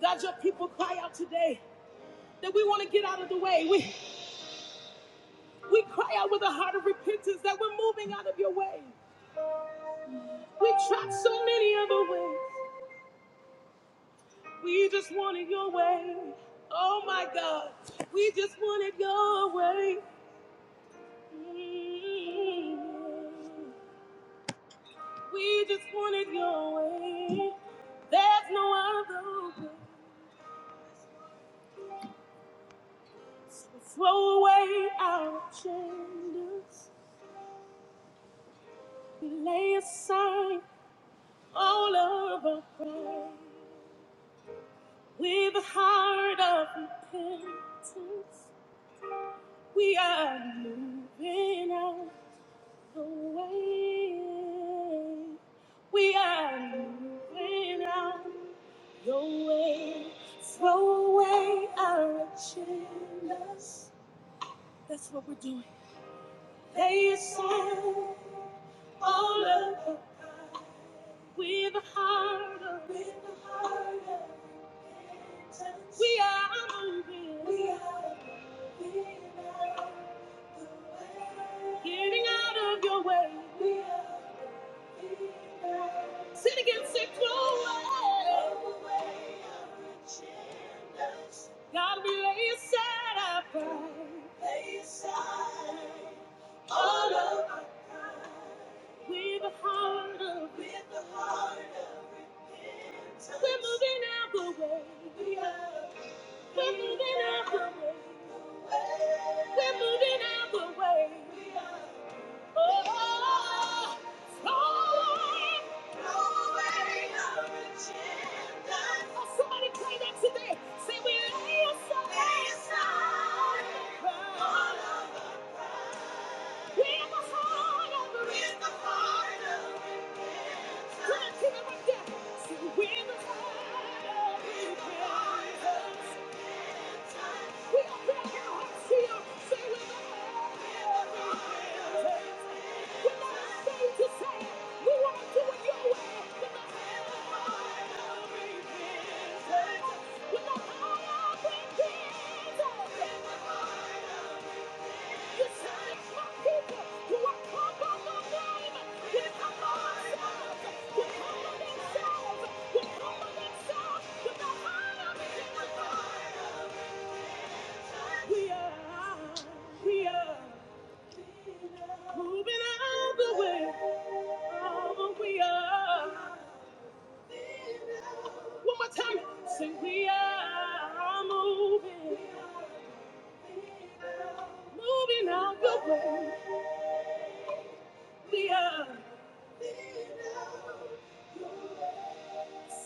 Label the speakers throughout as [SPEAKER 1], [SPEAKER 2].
[SPEAKER 1] God, your people cry out today that we want to get out of the way. We, we cry out with a heart of repentance that we're moving out of your way. We tried so many other ways. We just wanted your way. Oh my God. We just wanted your way. Mm. We just wanted your way. There's no other way. So Throw away our agendas. We lay aside All of our praise with a heart of repentance. We are moving out the way. We are moving out the way. Throw away our agendas. That's what we're doing. They said all of us with a heart of repentance. We are moving. We are Getting out of your way. Sin against it, no way. God, we lay aside our pride. All of us. With a heart of repentance. We're moving out the way. We are. We're moving out the way. We're moving out the way. Oh, oh, oh. No way. No way. Somebody play that today. Say we lay aside. All of it. We're the heart of the We're the heart of the Tell that right we're the heart of the Themselves, they humble themselves, with the Thank you. We are, we are moving out the way. Oh, we are. One more time, say we are moving, moving out the way. We are.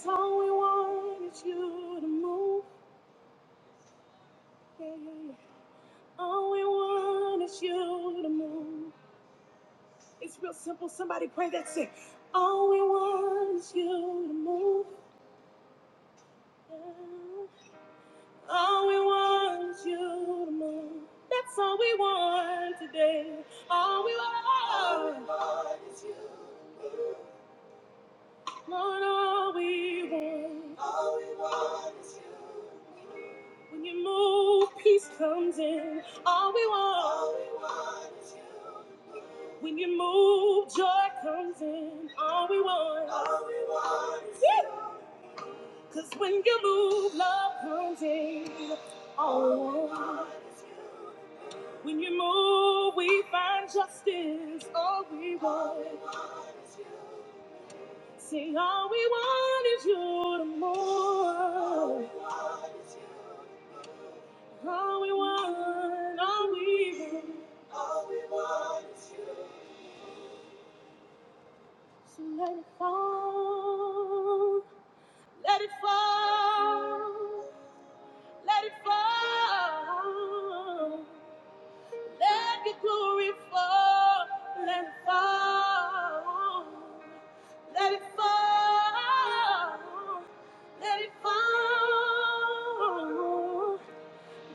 [SPEAKER 1] So we want is you to move. Yeah, yeah, yeah. All we want is you to move. It's real simple. Somebody pray that. Say, all we want is you to move. Yeah. All we want you to move. That's all we want today. All we want, Lord, all we want. When you move, peace comes in. All we want. When you move, joy comes in. All we want. Cause when you move, love comes in. Oh, when you move, we find justice. All we want. Sing all we want is you to move. All we want, all we want. So let it fall. Let it fall. Let it fall. Let your glory fall. Let it fall. Let it fall. Let it fall.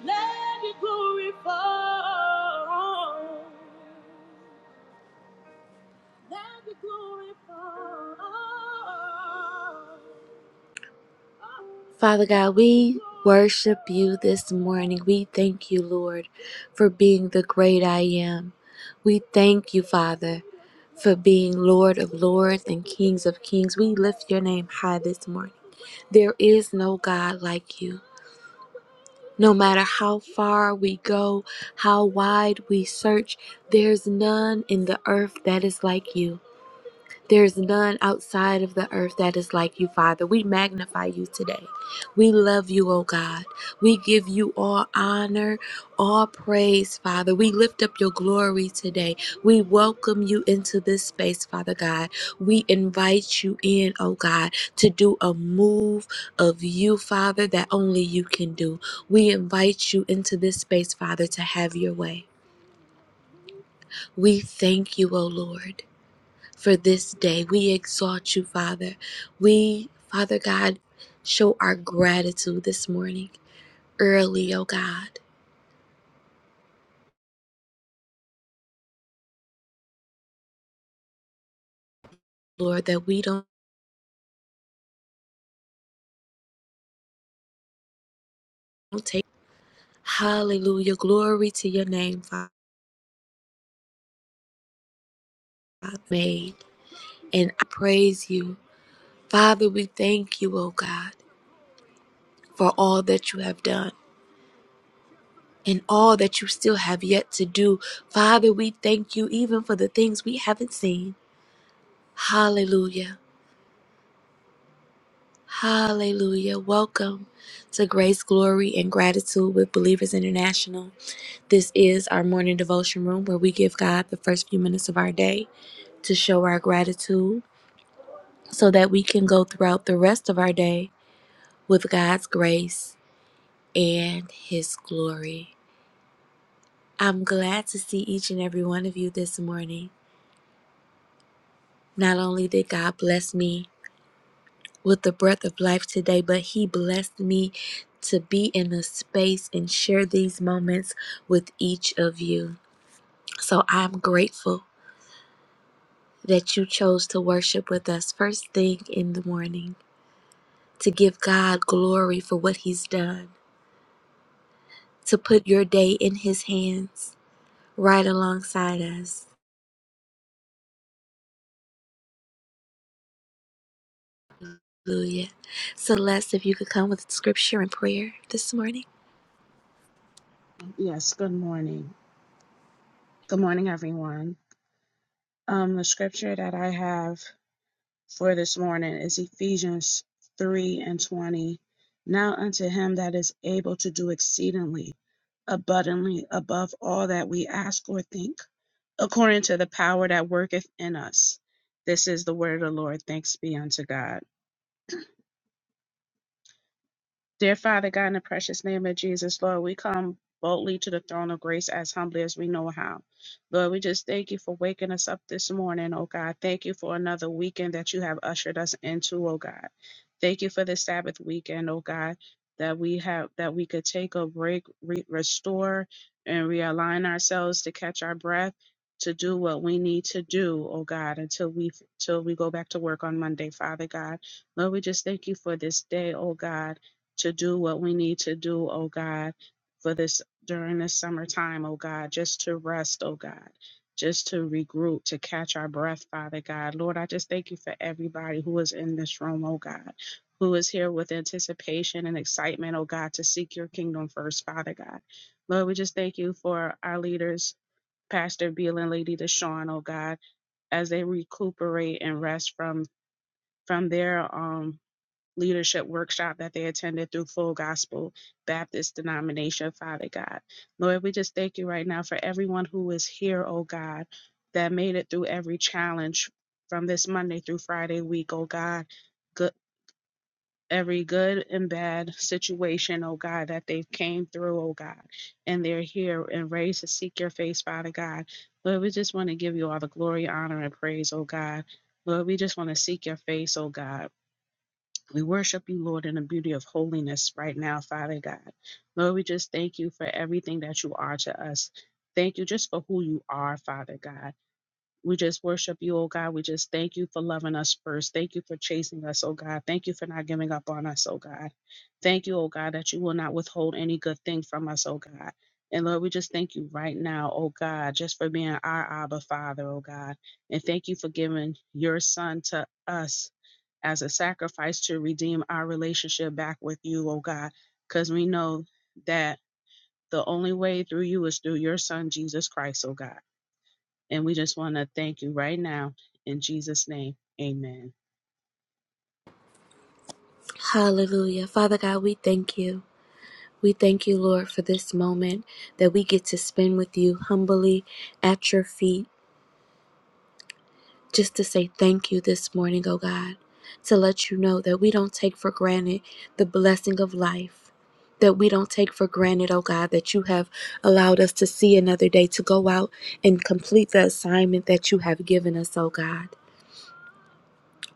[SPEAKER 1] Let your glory fall. Father God, we worship you this morning. We thank you, Lord, for being the great I am. We thank you, Father, for being Lord of lords and kings of kings. We lift your name high this morning. There is no God like you. No matter how far we go, how wide we search, there's none in the earth that is like you. There's none outside of the earth that is like you, Father. We magnify you today. We love you, O God. We give you all honor, all praise, Father. We lift up your glory today. We welcome you into this space, Father God. We invite you in, O God, to do a move of you, Father, that only you can do. We invite you into this space, Father, to have your way. We thank you, O Lord for this day. We exalt you, Father. We, Father God, show our gratitude this morning early, oh God, Lord, that we don't take. Hallelujah. Glory to your name, Father. Made. And I praise you. Father, we thank you, oh God, for all that you have done. And all that you still have yet to do. Father, we thank you even for the things we haven't seen. Hallelujah. Hallelujah. Welcome to Grace, Glory, and Gratitude with Believers International. This is our morning devotion room where we give God the first few minutes of our day to show our gratitude so that we can go throughout the rest of our day with God's grace and His glory. I'm glad to see each and every one of you this morning. Not only did God bless me with the breath of life today, but He blessed me to be in a space and share these moments with each of you. So I'm grateful that you chose to worship with us first thing in the morning, to give God glory for what He's done, to put your day in His hands right alongside us. Hallelujah. Celeste, if you could come with scripture and prayer this morning.
[SPEAKER 2] Yes, good morning. Good morning, everyone. Um, the scripture that I have for this morning is Ephesians 3 and 20. Now unto him that is able to do exceedingly abundantly above all that we ask or think, according to the power that worketh in us. This is the word of the Lord. Thanks be unto God. Dear Father God, in the precious name of Jesus, Lord, we come boldly to the throne of grace as humbly as we know how. Lord, we just thank you for waking us up this morning, oh God. Thank you for another weekend that you have ushered us into, oh God. Thank you for the Sabbath weekend, oh God, that we have that we could take a break, re- restore, and realign ourselves to catch our breath, to do what we need to do, oh God, until we till we go back to work on Monday, Father God. Lord, we just thank you for this day, oh God to do what we need to do, oh God, for this during this summertime, oh God, just to rest, oh God, just to regroup, to catch our breath, Father God. Lord, I just thank you for everybody who is in this room, oh God. Who is here with anticipation and excitement, oh God, to seek your kingdom first, Father God. Lord, we just thank you for our leaders, Pastor Beal and Lady Deshaun, oh God, as they recuperate and rest from from their um leadership workshop that they attended through Full Gospel Baptist denomination, Father God. Lord, we just thank you right now for everyone who is here, oh God, that made it through every challenge from this Monday through Friday week, oh God. Good every good and bad situation, oh God, that they came through, oh God, and they're here and raised to seek your face, Father God. Lord, we just want to give you all the glory, honor, and praise, oh God. Lord, we just want to seek your face, oh God. We worship you, Lord, in the beauty of holiness right now, Father God. Lord, we just thank you for everything that you are to us. Thank you just for who you are, Father God. We just worship you, oh God. We just thank you for loving us first. Thank you for chasing us, oh God. Thank you for not giving up on us, oh God. Thank you, oh God, that you will not withhold any good thing from us, oh God. And Lord, we just thank you right now, oh God, just for being our Abba Father, oh God. And thank you for giving your Son to us as a sacrifice to redeem our relationship back with you, oh God, because we know that the only way through you is through your son, Jesus Christ, oh God. And we just want to thank you right now in Jesus' name. Amen.
[SPEAKER 1] Hallelujah. Father God, we thank you. We thank you, Lord, for this moment that we get to spend with you humbly at your feet, just to say thank you this morning, oh God, to let you know that we don't take for granted the blessing of life. That we don't take for granted, oh God, that you have allowed us to see another day, to go out and complete the assignment that you have given us, oh God.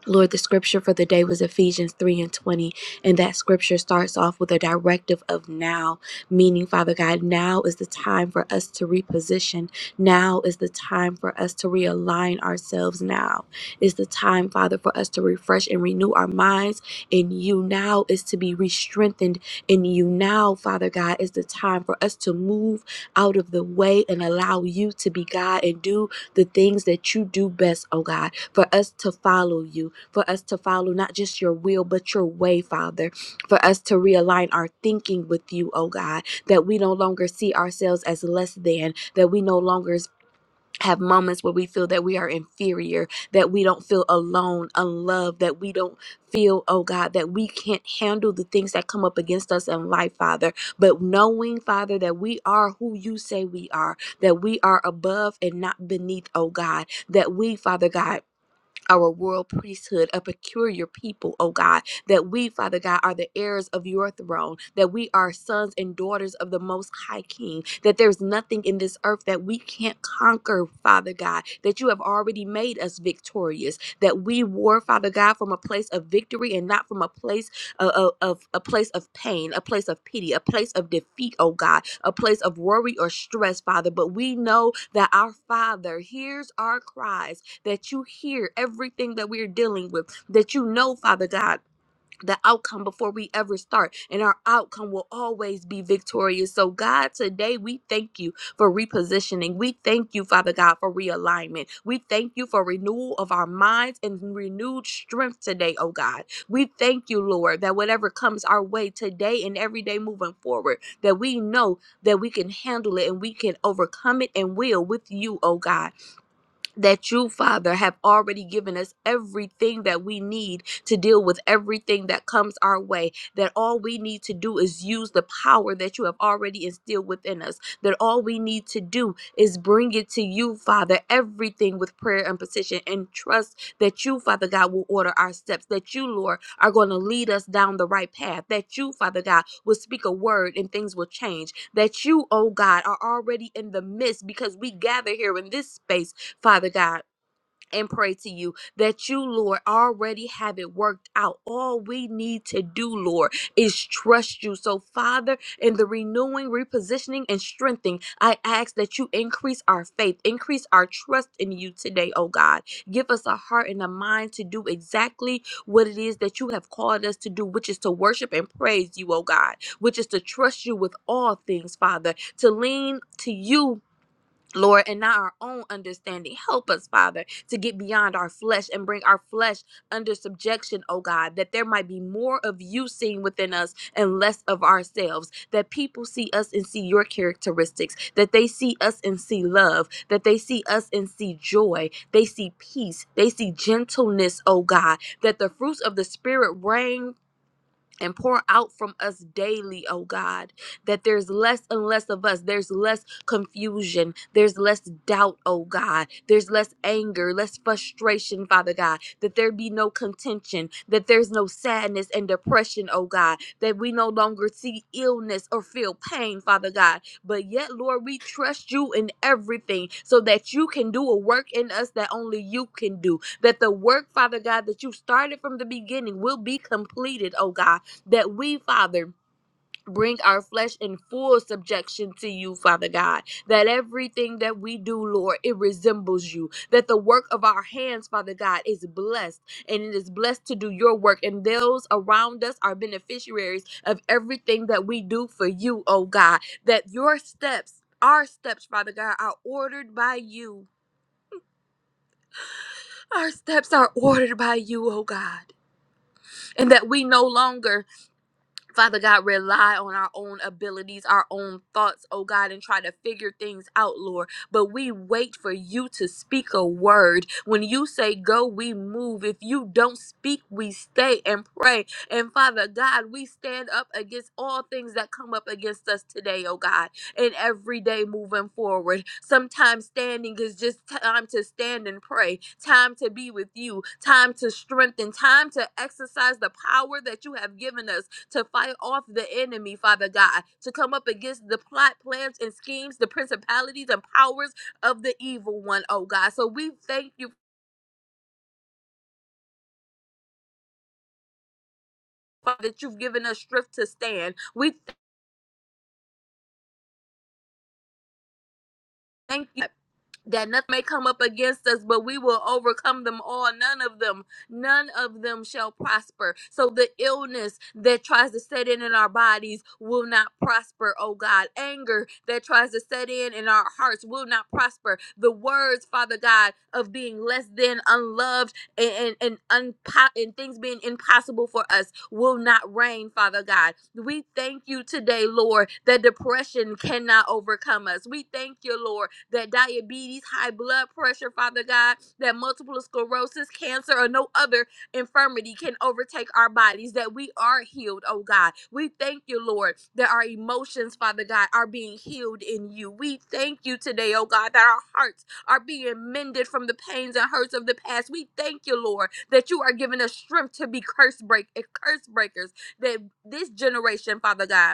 [SPEAKER 1] Lord, the scripture for the day was Ephesians 3 and 20. And that scripture starts off with a directive of now, meaning, Father God, now is the time for us to reposition. Now is the time for us to realign ourselves. Now is the time, Father, for us to refresh and renew our minds in you. Now is to be re-strengthened in you. Now, Father God, is the time for us to move out of the way and allow you to be God and do the things that you do best, oh God, for us to follow you for us to follow not just your will, but your way, Father, for us to realign our thinking with you, oh God, that we no longer see ourselves as less than, that we no longer have moments where we feel that we are inferior, that we don't feel alone, unloved, that we don't feel, oh God, that we can't handle the things that come up against us in life, Father. But knowing, Father, that we are who you say we are, that we are above and not beneath, oh God, that we, Father God, our royal priesthood, a peculiar people, O God, that we, Father God, are the heirs of your throne, that we are sons and daughters of the Most High King, that there's nothing in this earth that we can't conquer, Father God, that you have already made us victorious, that we war, Father God, from a place of victory and not from a place of, of, of- a place of pain, a place of pity, a place of defeat, O God, a place of worry or stress, Father. But we know that our Father hears our cries that you hear everything that we're dealing with, that you know, Father God. The outcome before we ever start, and our outcome will always be victorious. So, God, today we thank you for repositioning. We thank you, Father God, for realignment. We thank you for renewal of our minds and renewed strength today, oh God. We thank you, Lord, that whatever comes our way today and every day moving forward, that we know that we can handle it and we can overcome it and will with you, oh God that you, Father, have already given us everything that we need to deal with everything that comes our way. That all we need to do is use the power that you have already instilled within us. That all we need to do is bring it to you, Father, everything with prayer and petition and trust that you, Father God, will order our steps. That you, Lord, are going to lead us down the right path. That you, Father God, will speak a word and things will change. That you, oh God, are already in the midst because we gather here in this space Father God, and pray to you that you, Lord, already have it worked out. All we need to do, Lord, is trust you. So, Father, in the renewing, repositioning, and strengthening, I ask that you increase our faith, increase our trust in you today, oh God. Give us a heart and a mind to do exactly what it is that you have called us to do, which is to worship and praise you, oh God, which is to trust you with all things, Father, to lean to you Lord, and not our own understanding. Help us, Father, to get beyond our flesh and bring our flesh under subjection, oh God, that there might be more of you seen within us and less of ourselves, that people see us and see your characteristics, that they see us and see love, that they see us and see joy, they see peace, they see gentleness, oh God, that the fruits of the Spirit reign and pour out from us daily, oh God, that there's less and less of us. There's less confusion. There's less doubt, oh God. There's less anger, less frustration, Father God. That there be no contention, that there's no sadness and depression, oh God. That we no longer see illness or feel pain, Father God. But yet, Lord, we trust you in everything so that you can do a work in us that only you can do. That the work, Father God, that you started from the beginning will be completed, oh God that we, Father, bring our flesh in full subjection to you, Father God. That everything that we do, Lord, it resembles you. That the work of our hands, Father God, is blessed and it is blessed to do your work. And those around us are beneficiaries of everything that we do for you, oh God. That your steps, our steps, Father God, are ordered by you. Our steps are ordered by you, oh God. And that we no longer Father God, rely on our own abilities, our own thoughts, oh God, and try to figure things out, Lord. But we wait for you to speak a word. When you say go, we move. If you don't speak, we stay and pray. And Father God, we stand up against all things that come up against us today, oh God, and every day moving forward. Sometimes standing is just time to stand and pray, time to be with you, time to strengthen, time to exercise the power that you have given us to fight off the enemy, Father God, to come up against the plot, plans, and schemes, the principalities and powers of the evil one, oh God. So we thank you. Father, that you've given us strength to stand. We thank you. that nothing may come up against us, but we will overcome them all. None of them, none of them shall prosper. So the illness that tries to set in in our bodies will not prosper, oh God. Anger that tries to set in in our hearts will not prosper. The words, Father God, of being less than unloved and and and, unpo- and things being impossible for us will not reign, Father God. We thank you today, Lord, that depression cannot overcome us. We thank you, Lord, that diabetes, high blood pressure, Father God, that multiple sclerosis, cancer, or no other infirmity can overtake our bodies, that we are healed, oh God. We thank you, Lord, that our emotions, Father God, are being healed in you. We thank you today, oh God, that our hearts are being mended from the pains and hurts of the past. We thank you, Lord, that you are giving us strength to be curse break eh, curse breakers. That this generation, Father God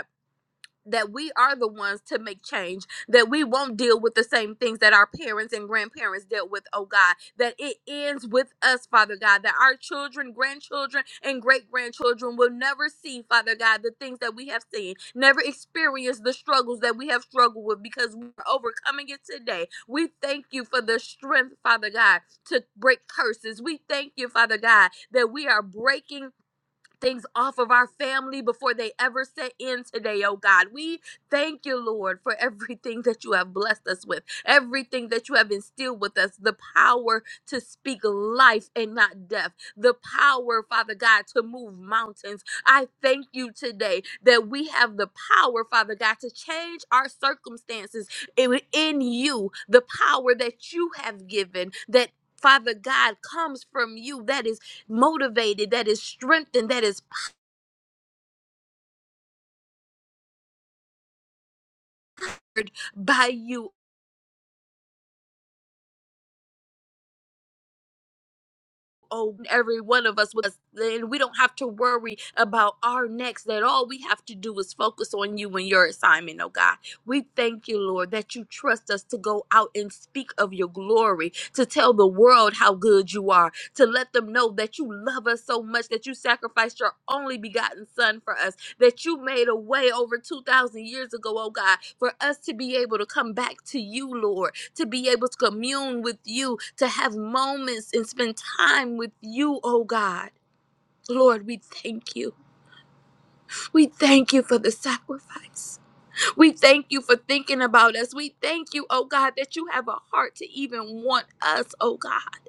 [SPEAKER 1] that we are the ones to make change, that we won't deal with the same things that our parents and grandparents dealt with, oh God, that it ends with us, Father God, that our children, grandchildren, and great grandchildren will never see, Father God, the things that we have seen, never experience the struggles that we have struggled with because we're overcoming it today. We thank you for the strength, Father God, to break curses. We thank you, Father God, that we are breaking things off of our family before they ever set in today, oh God. We thank you, Lord, for everything that you have blessed us with, everything that you have instilled with us, the power to speak life and not death, the power, Father God, to move mountains. I thank you today that we have the power, Father God, to change our circumstances in in you, the power that you have given that. Father God comes from you. That is motivated, that is strengthened, that is powered by you. Oh, every one of us with us, and we don't have to worry about our next. That all we have to do is focus on you and your assignment, oh God. We thank you, Lord, that you trust us to go out and speak of your glory, to tell the world how good you are, to let them know that you love us so much that you sacrificed your only begotten Son for us, that you made a way over 2,000 years ago, oh God, for us to be able to come back to you, Lord to be able to commune with you, to have moments and spend time with you, oh God. Lord, we thank you. We thank you for the sacrifice. We thank you for thinking about us. We thank you, oh God, that you have a heart to even want us, oh God.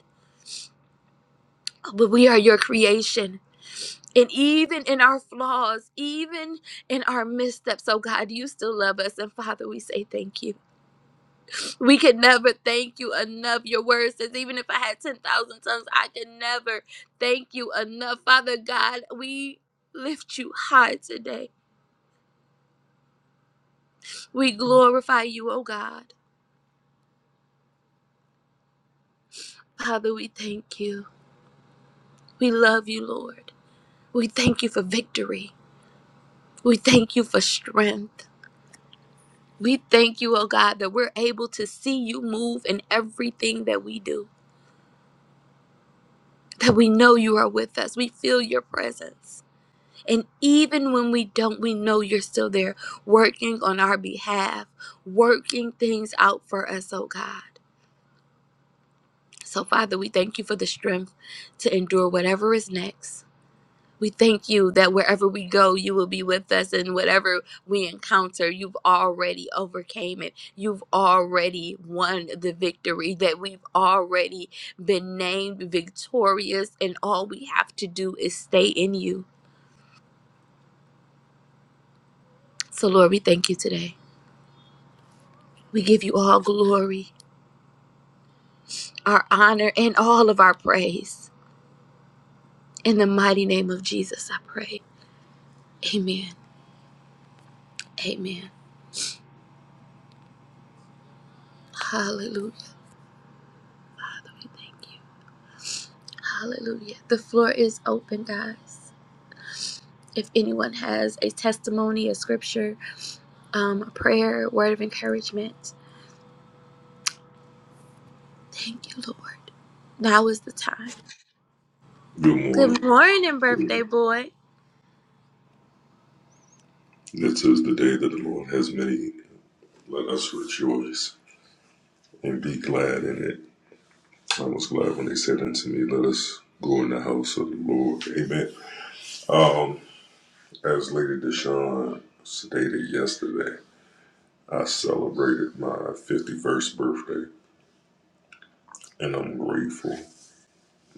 [SPEAKER 1] But we are your creation. And even in our flaws, even in our missteps, oh God, you still love us. And Father, we say thank you. We can never thank you enough. Your word says, even if I had 10,000 tongues, I can never thank you enough. Father God, we lift you high today. We glorify you, oh God. Father, we thank you. We love you, Lord. We thank you for victory. We thank you for strength. We thank you, oh God, that we're able to see you move in everything that we do, that we know you are with us. We feel your presence. And even when we don't, we know you're still there working on our behalf, working things out for us, oh God. So, Father, we thank you for the strength to endure whatever is next. We thank you that wherever we go, you will be with us, and whatever we encounter, you've already overcame it. You've already won the victory, that we've already been named victorious, and all we have to do is stay in you. So, Lord, we thank you today. We give you all glory, our honor, and all of our praise. In the mighty name of Jesus, I pray. Amen. Amen. Hallelujah. Father, we thank you. Hallelujah. The floor is open, guys. If anyone has a testimony, a scripture, um, a prayer, a word of encouragement, thank you, Lord. Now is the time.
[SPEAKER 3] Good
[SPEAKER 1] Good
[SPEAKER 3] morning.
[SPEAKER 1] morning, birthday boy.
[SPEAKER 3] This is the day that the Lord has made. Let us rejoice and be glad in it. I was glad when they said unto me, Let us go in the house of the Lord. Amen. As Lady Deshawn stated yesterday, I celebrated my 51st birthday and I'm grateful.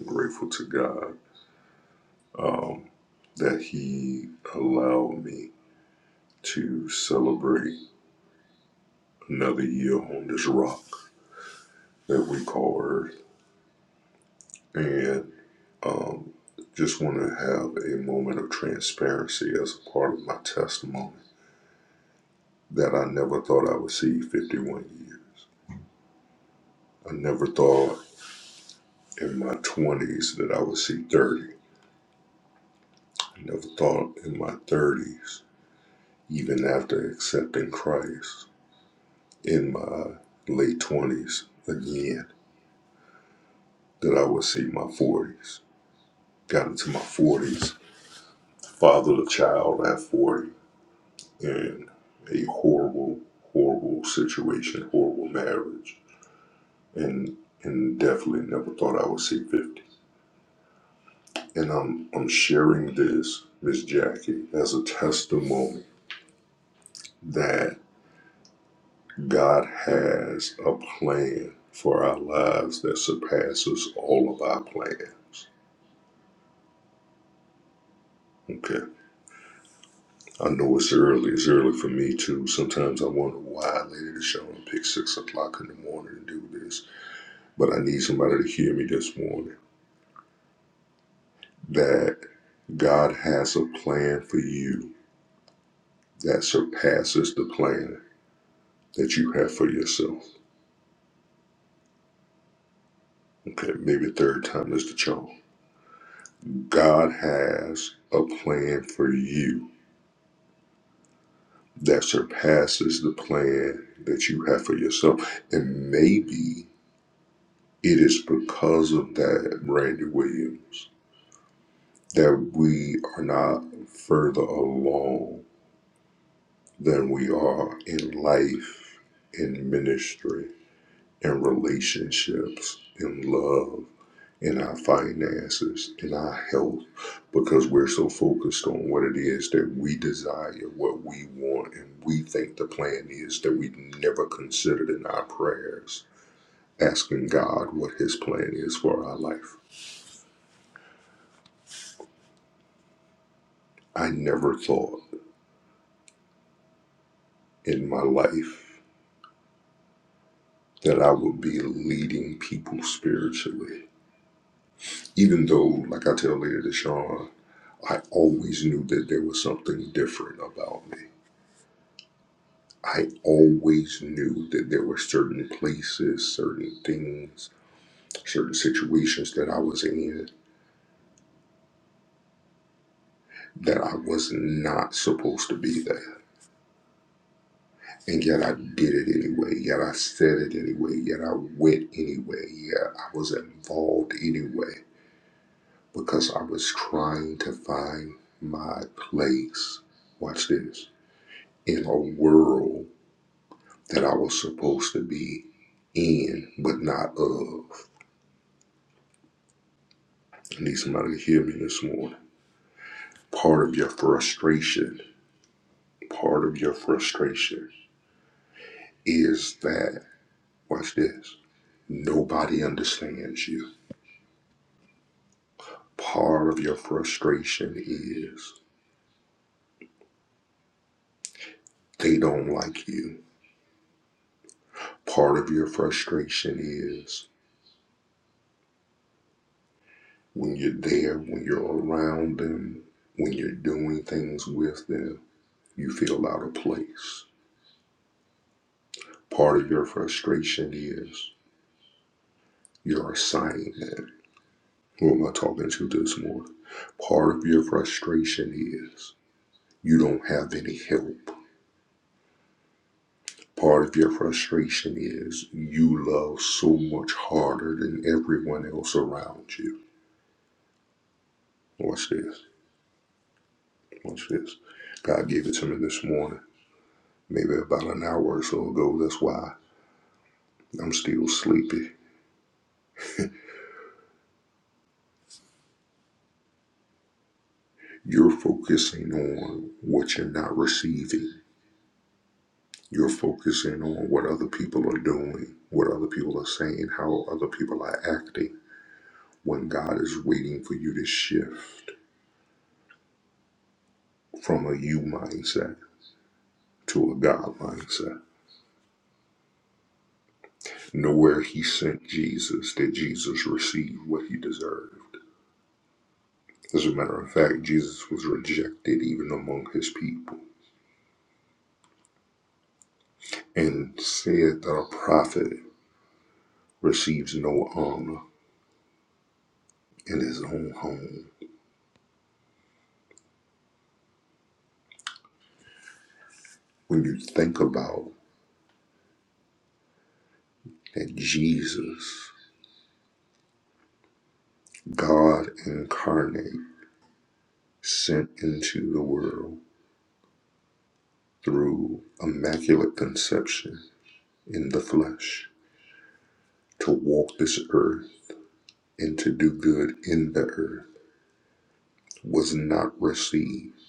[SPEAKER 3] grateful to God um, that He allowed me to celebrate another year on this rock that we call Earth. and Um, just want to have a moment of transparency as a part of my testimony that I never thought I would see 51 years. I never thought in my 20s that I would see 30. I never thought in my 30s, even after accepting Christ, in my late 20s again, that I would see my 40s. Got into my 40s, fathered a child at 40 in a horrible, horrible situation, horrible marriage, and and definitely never thought I would see fifty. And I'm I'm sharing this, Miss Jackie, as a testimony that God has a plan for our lives that surpasses all of our plans. Okay. I know it's early. It's early for me too. Sometimes I wonder why Lady Deshawn picked six o'clock in the morning to do this. But I need somebody to hear me this morning that God has a plan for you that surpasses the plan that you have for yourself. Okay, maybe third time is the charm. God has a plan for you that surpasses the plan that you have for yourself. And maybe it is because of that, Randy Williams, that we are not further along than we are in life, in ministry in relationships, in love, in our finances, in our health, because we're so focused on what it is that we desire, what we want, and we think the plan is that we never considered in our prayers, asking God what His plan is for our life. I never thought in my life that I would be leading people spiritually, even though, like I tell Lady Deshawn, I always knew that there was something different about me I always knew that there were certain places, certain things, certain situations that I was in that I was not supposed to be there. And yet I did it anyway. Yet I said it anyway. Yet I went anyway. Yet I was involved anyway because I was trying to find my place. Watch this. In a world that I was supposed to be in, but not of. I need somebody to hear me this morning Part of your frustration, part of your frustration is that, watch this, nobody understands you. Part of your frustration is they don't like you. Part of your frustration is when you're there, when you're around them, when you're doing things with them, you feel out of place. Part of your frustration is your assignment. Who am I talking to this morning? Part of your frustration is You don't have any help. Part of your frustration is you love so much harder than everyone else around you. Watch this. Watch this. God gave it to me this morning, maybe about an hour or so ago. That's why I'm still sleepy. You're focusing on what you're not receiving. You're focusing on what other people are doing, what other people are saying, how other people are acting, when God is waiting for you to shift from a you mindset to a God mindset. Nowhere he sent Jesus did Jesus receive what he deserved. As a matter of fact, Jesus was rejected even among his people and said that a prophet receives no honor in his own home. When you think about that Jesus, God incarnate, sent into the world through immaculate conception in the flesh to walk this earth and to do good in the earth was not received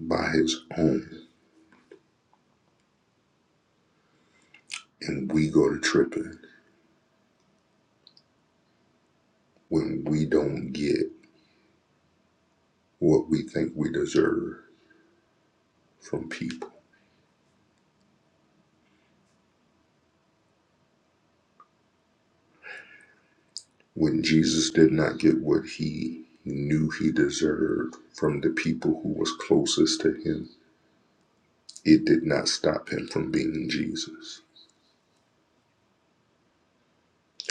[SPEAKER 3] by his own. And we go to tripping when we don't get what we think we deserve from people. When Jesus did not get what he knew he deserved from the people who was closest to him, it did not stop him from being Jesus.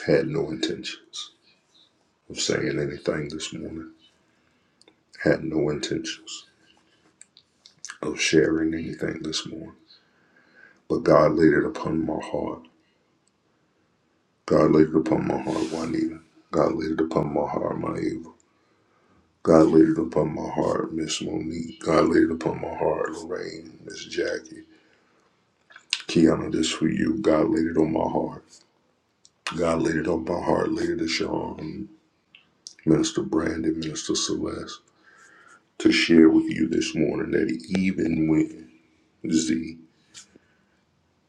[SPEAKER 3] Had no intentions of saying anything this morning. Had no intentions of sharing anything this morning But God laid it upon my heart. God laid it upon my heart, Juanita. God laid it upon my heart, my Eva. God laid it upon my heart, Miss Monique. God laid it upon my heart, Lorraine, Miss Jackie. Kiana, this for you. God laid it on my heart. God laid it on my heart, Lady Deshawn, Minister Brandon, Minister Celeste, to share with you this morning that even when, Z,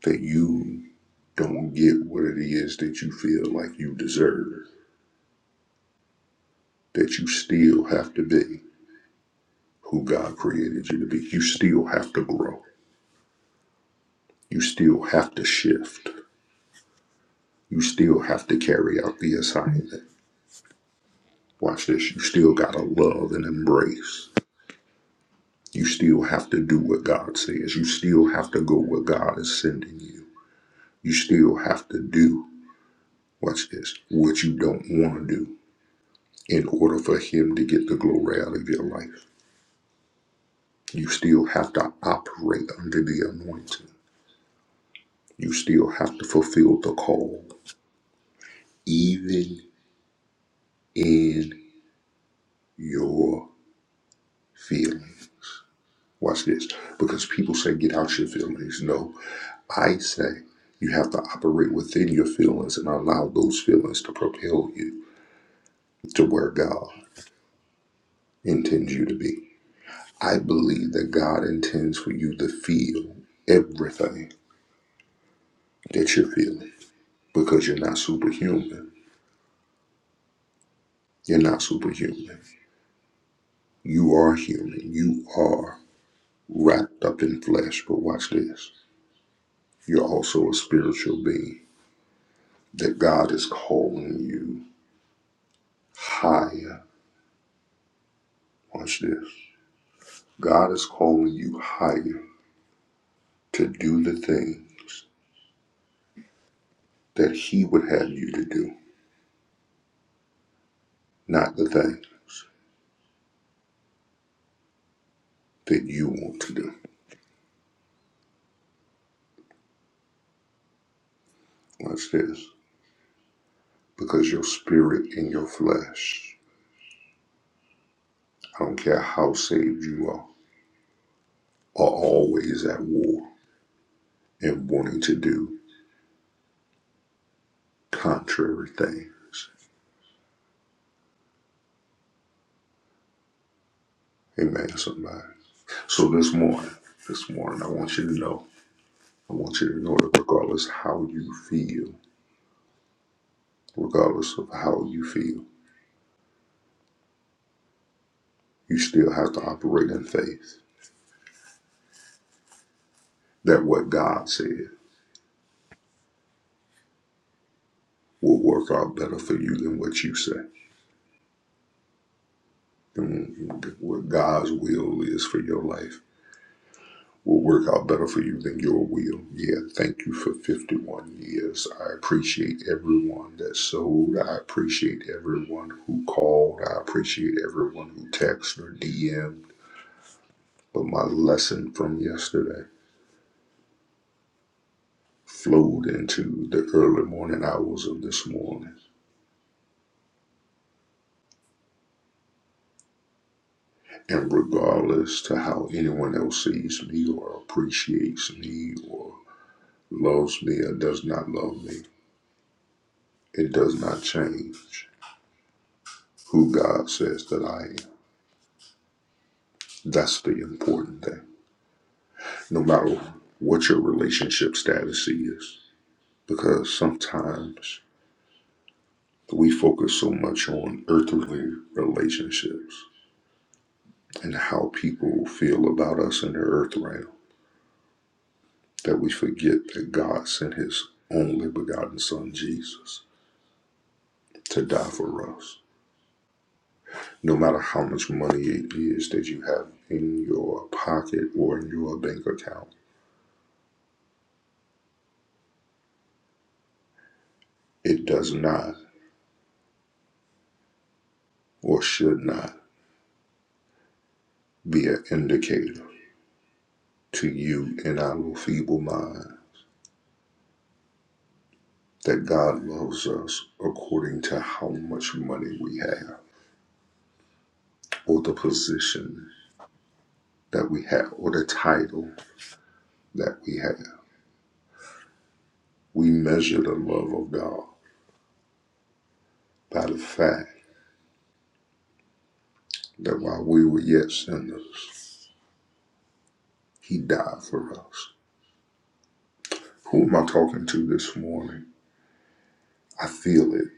[SPEAKER 3] that you don't get what it is that you feel like you deserve, that you still have to be. who God created you to be. You still have to grow. You still have to shift. You still have to carry out the assignment. Watch this. You still got to love and embrace. You still have to do what God says. You still have to go where God is sending you. You still have to do, watch this, what you don't want to do in order for Him to get the glory out of your life. You still have to operate under the anointing. You still have to fulfill the call, even in your feelings. Watch this. Because people say, get out your feelings. No, I say you have to operate within your feelings and allow those feelings to propel you to where God intends you to be. I believe that God intends for you to feel everything that you're feeling because you're not superhuman. You're not superhuman. You are human. You are wrapped up in flesh. But watch this. You're also a spiritual being that God is calling you higher. Watch this. God is calling you higher to do the things that He would have you to do, not the things that you want to do. Watch this. Because your spirit and your flesh, I don't care how saved you are, are always at war and wanting to do contrary things. Amen, somebody. So this morning, this morning, I want you to know. I want you to know that regardless how you feel, regardless of how you feel, you still have to operate in faith that what God said will work out better for you than what you say. and what God's will is for your life will work out better for you than your will. Yeah, thank you for 51 years. I appreciate everyone that sold. I appreciate everyone who called. I appreciate everyone who texted or DM'd. But my lesson from yesterday. flowed into the early morning hours of this morning. And regardless to how anyone else sees me or appreciates me or loves me or does not love me, it does not change who God says that I am. That's the important thing. No matter what your relationship status is, because sometimes we focus so much on earthly relationships and how people feel about us in the earth realm that we forget that God sent his only begotten son Jesus to die for us. No matter how much money it is that you have in your pocket or in your bank account, it does not or should not be an indicator to you and our feeble mind that God loves us according to how much money we have or the position that we have or the title that we have. We measure the love of God by the fact that while we were yet sinners, he died for us. Who am I talking to this morning? I feel it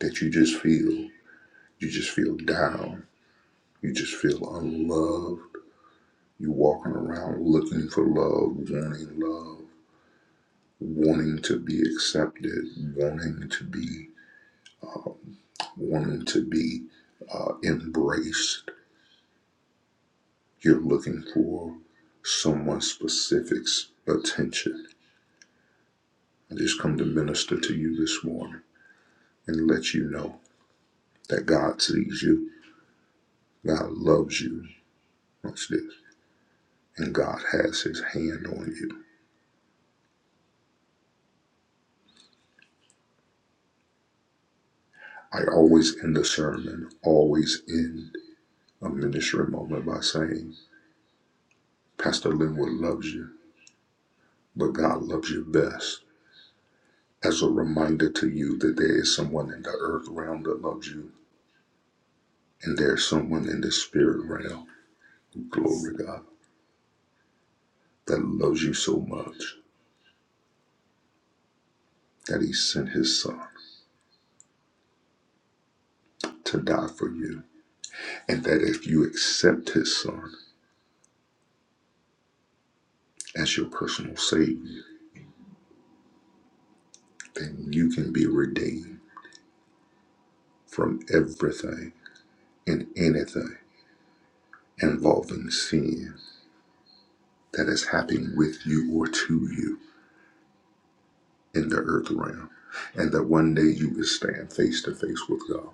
[SPEAKER 3] that you just feel, you just feel down, you just feel unloved. You are walking around looking for love, wanting love, wanting to be accepted, wanting to be, wanting to be uh, embraced. You're looking for someone specific's attention. I just come to minister to you this morning and let you know that God sees you, God loves you. Watch this. And God has his hand on you. I always end the sermon, always end a ministry moment by saying, Pastor Linwood loves you, but God loves you best. As a reminder to you that there is someone in the earth realm that loves you, and there's someone in the spirit realm, glory to God, that loves you so much that he sent his son to die for you. And that if you accept his son as your personal savior, then you can be redeemed from everything and anything involving sin that is happening with you or to you in the earth realm. And that one day you will stand face to face with God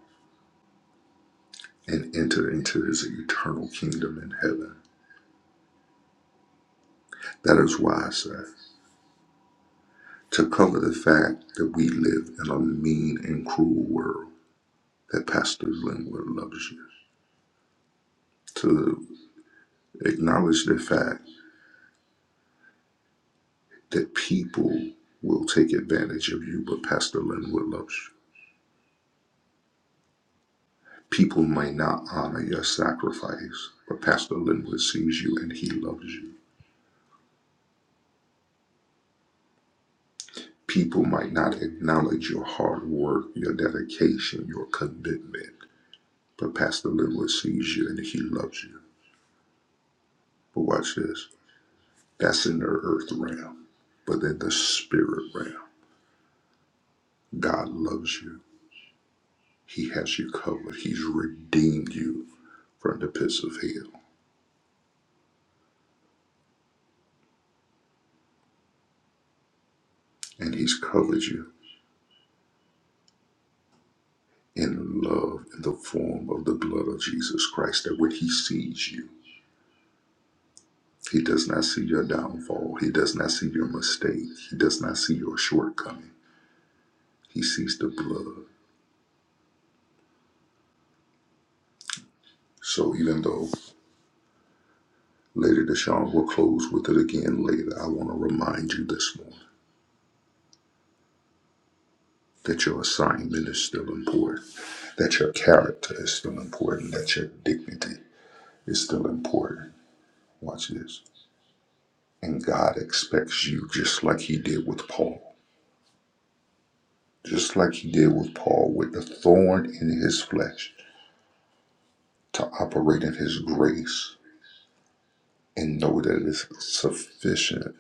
[SPEAKER 3] and enter into his eternal kingdom in heaven. That is why I say, to cover the fact that we live in a mean and cruel world, that Pastor Lindwood loves you. To acknowledge the fact that people will take advantage of you, but Pastor Linwood loves you. People might not honor your sacrifice, but Pastor Linwood sees you and he loves you. People might not acknowledge your hard work, your dedication, your commitment, but Pastor Linwood sees you and he loves you. But watch this that's in the earth realm, but in the spirit realm, God loves you. He has you covered, He's redeemed you from the pits of hell, and He's covered you in love in the form of the blood of Jesus Christ. That when He sees you, He does not see your downfall, He does not see your mistake, He does not see your shortcoming. He sees the blood. So even though Lady Deshawn will close with it again later, I want to remind you this morning that your assignment is still important, that your character is still important, that your dignity is still important. Watch this. And God expects you just like He did with Paul. just like he did with Paul, with the thorn in his flesh, to operate in his grace and know that it is sufficient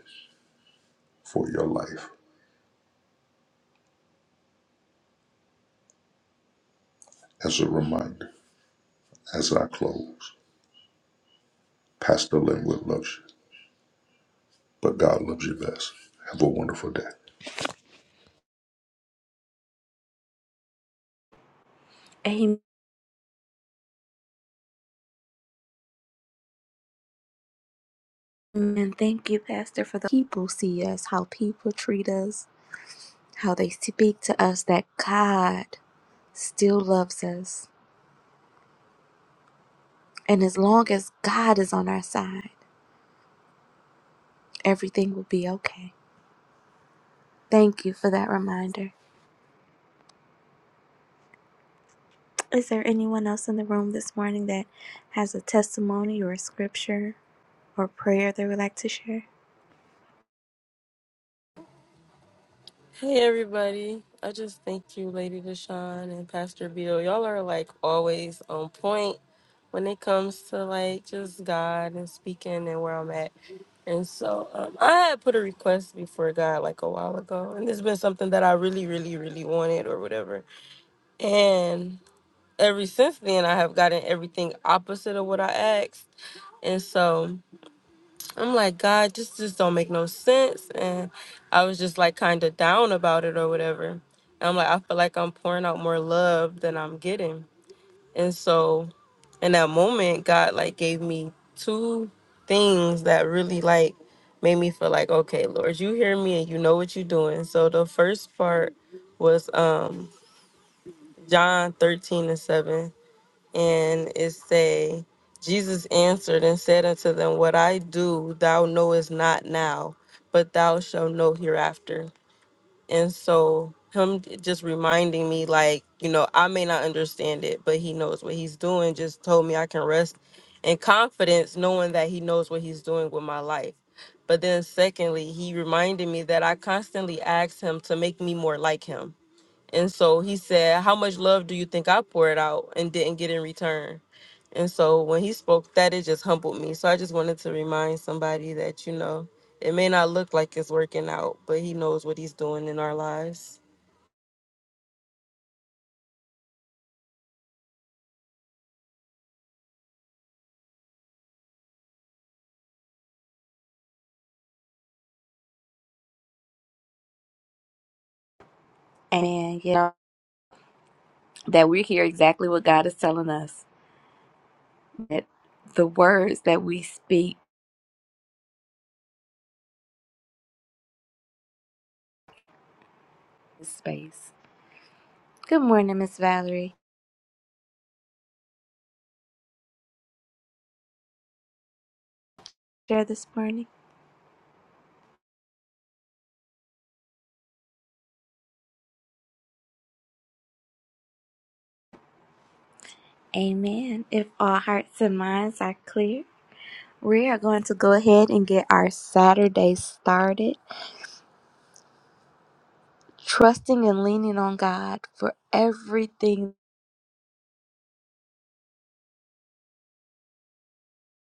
[SPEAKER 3] for your life. As a reminder, as I close, Pastor Linwood loves you, but God loves you best. Have a wonderful day.
[SPEAKER 1] Amen. Thank you, Pastor, for the people see us, how people treat us how they speak to us that God still loves us. And as long as God is on our side, everything will be okay. Thank you for that reminder. Is there anyone else in the room this morning that has a testimony or a scripture or prayer they would like to share?
[SPEAKER 4] Hey everybody. I just thank you, Lady Deshawn and Pastor Beal. Y'all are like always on point when it comes to like just God and speaking and where I'm at. And so um, I had put a request before God like a while ago, and it's been something that I really, really, really wanted or whatever. And ever since then, I have gotten everything opposite of what I asked. And so I'm like, God, this just don't make no sense. And I was just like kind of down about it or whatever. And I'm like, I feel like I'm pouring out more love than I'm getting. And so in that moment, God like gave me two things that really like made me feel like, okay, Lord, you hear me and you know what you're doing. So the first part was um John 13 and 7 and it say, Jesus answered and said unto them, What I do thou knowest not now, but thou shalt know hereafter. And so him just reminding me, like, you know, I may not understand it, but he knows what he's doing, just told me I can rest in confidence, knowing that he knows what he's doing with my life. But then secondly, he reminded me that I constantly ask him to make me more like him. And so he said, How much love do you think I poured out and didn't get in return? And so when he spoke that, it just humbled me. So I just wanted to remind somebody that, you know, it may not look like it's working out, but he knows what he's doing in our lives.
[SPEAKER 1] And you know that we hear exactly what God is telling us. That the words that we speak is space. Good morning, Miss Valerie. Share this morning. Amen. If all hearts and minds are clear. We are going to go ahead and get our Saturday started, trusting and leaning on God for everything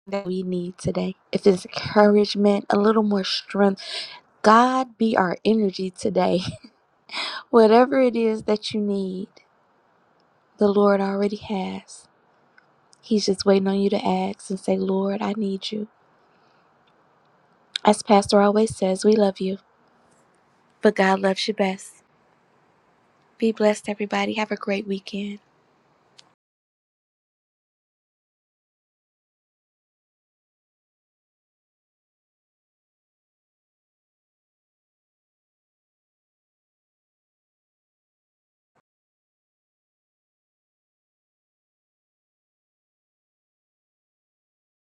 [SPEAKER 1] that we need today. If it's encouragement, a little more strength, God be our energy today. Whatever it is that you need, the Lord already has. He's just waiting on you to ask and say, Lord, I need you. As Pastor always says, we love you, but God loves you best. Be blessed, everybody. Have a great weekend.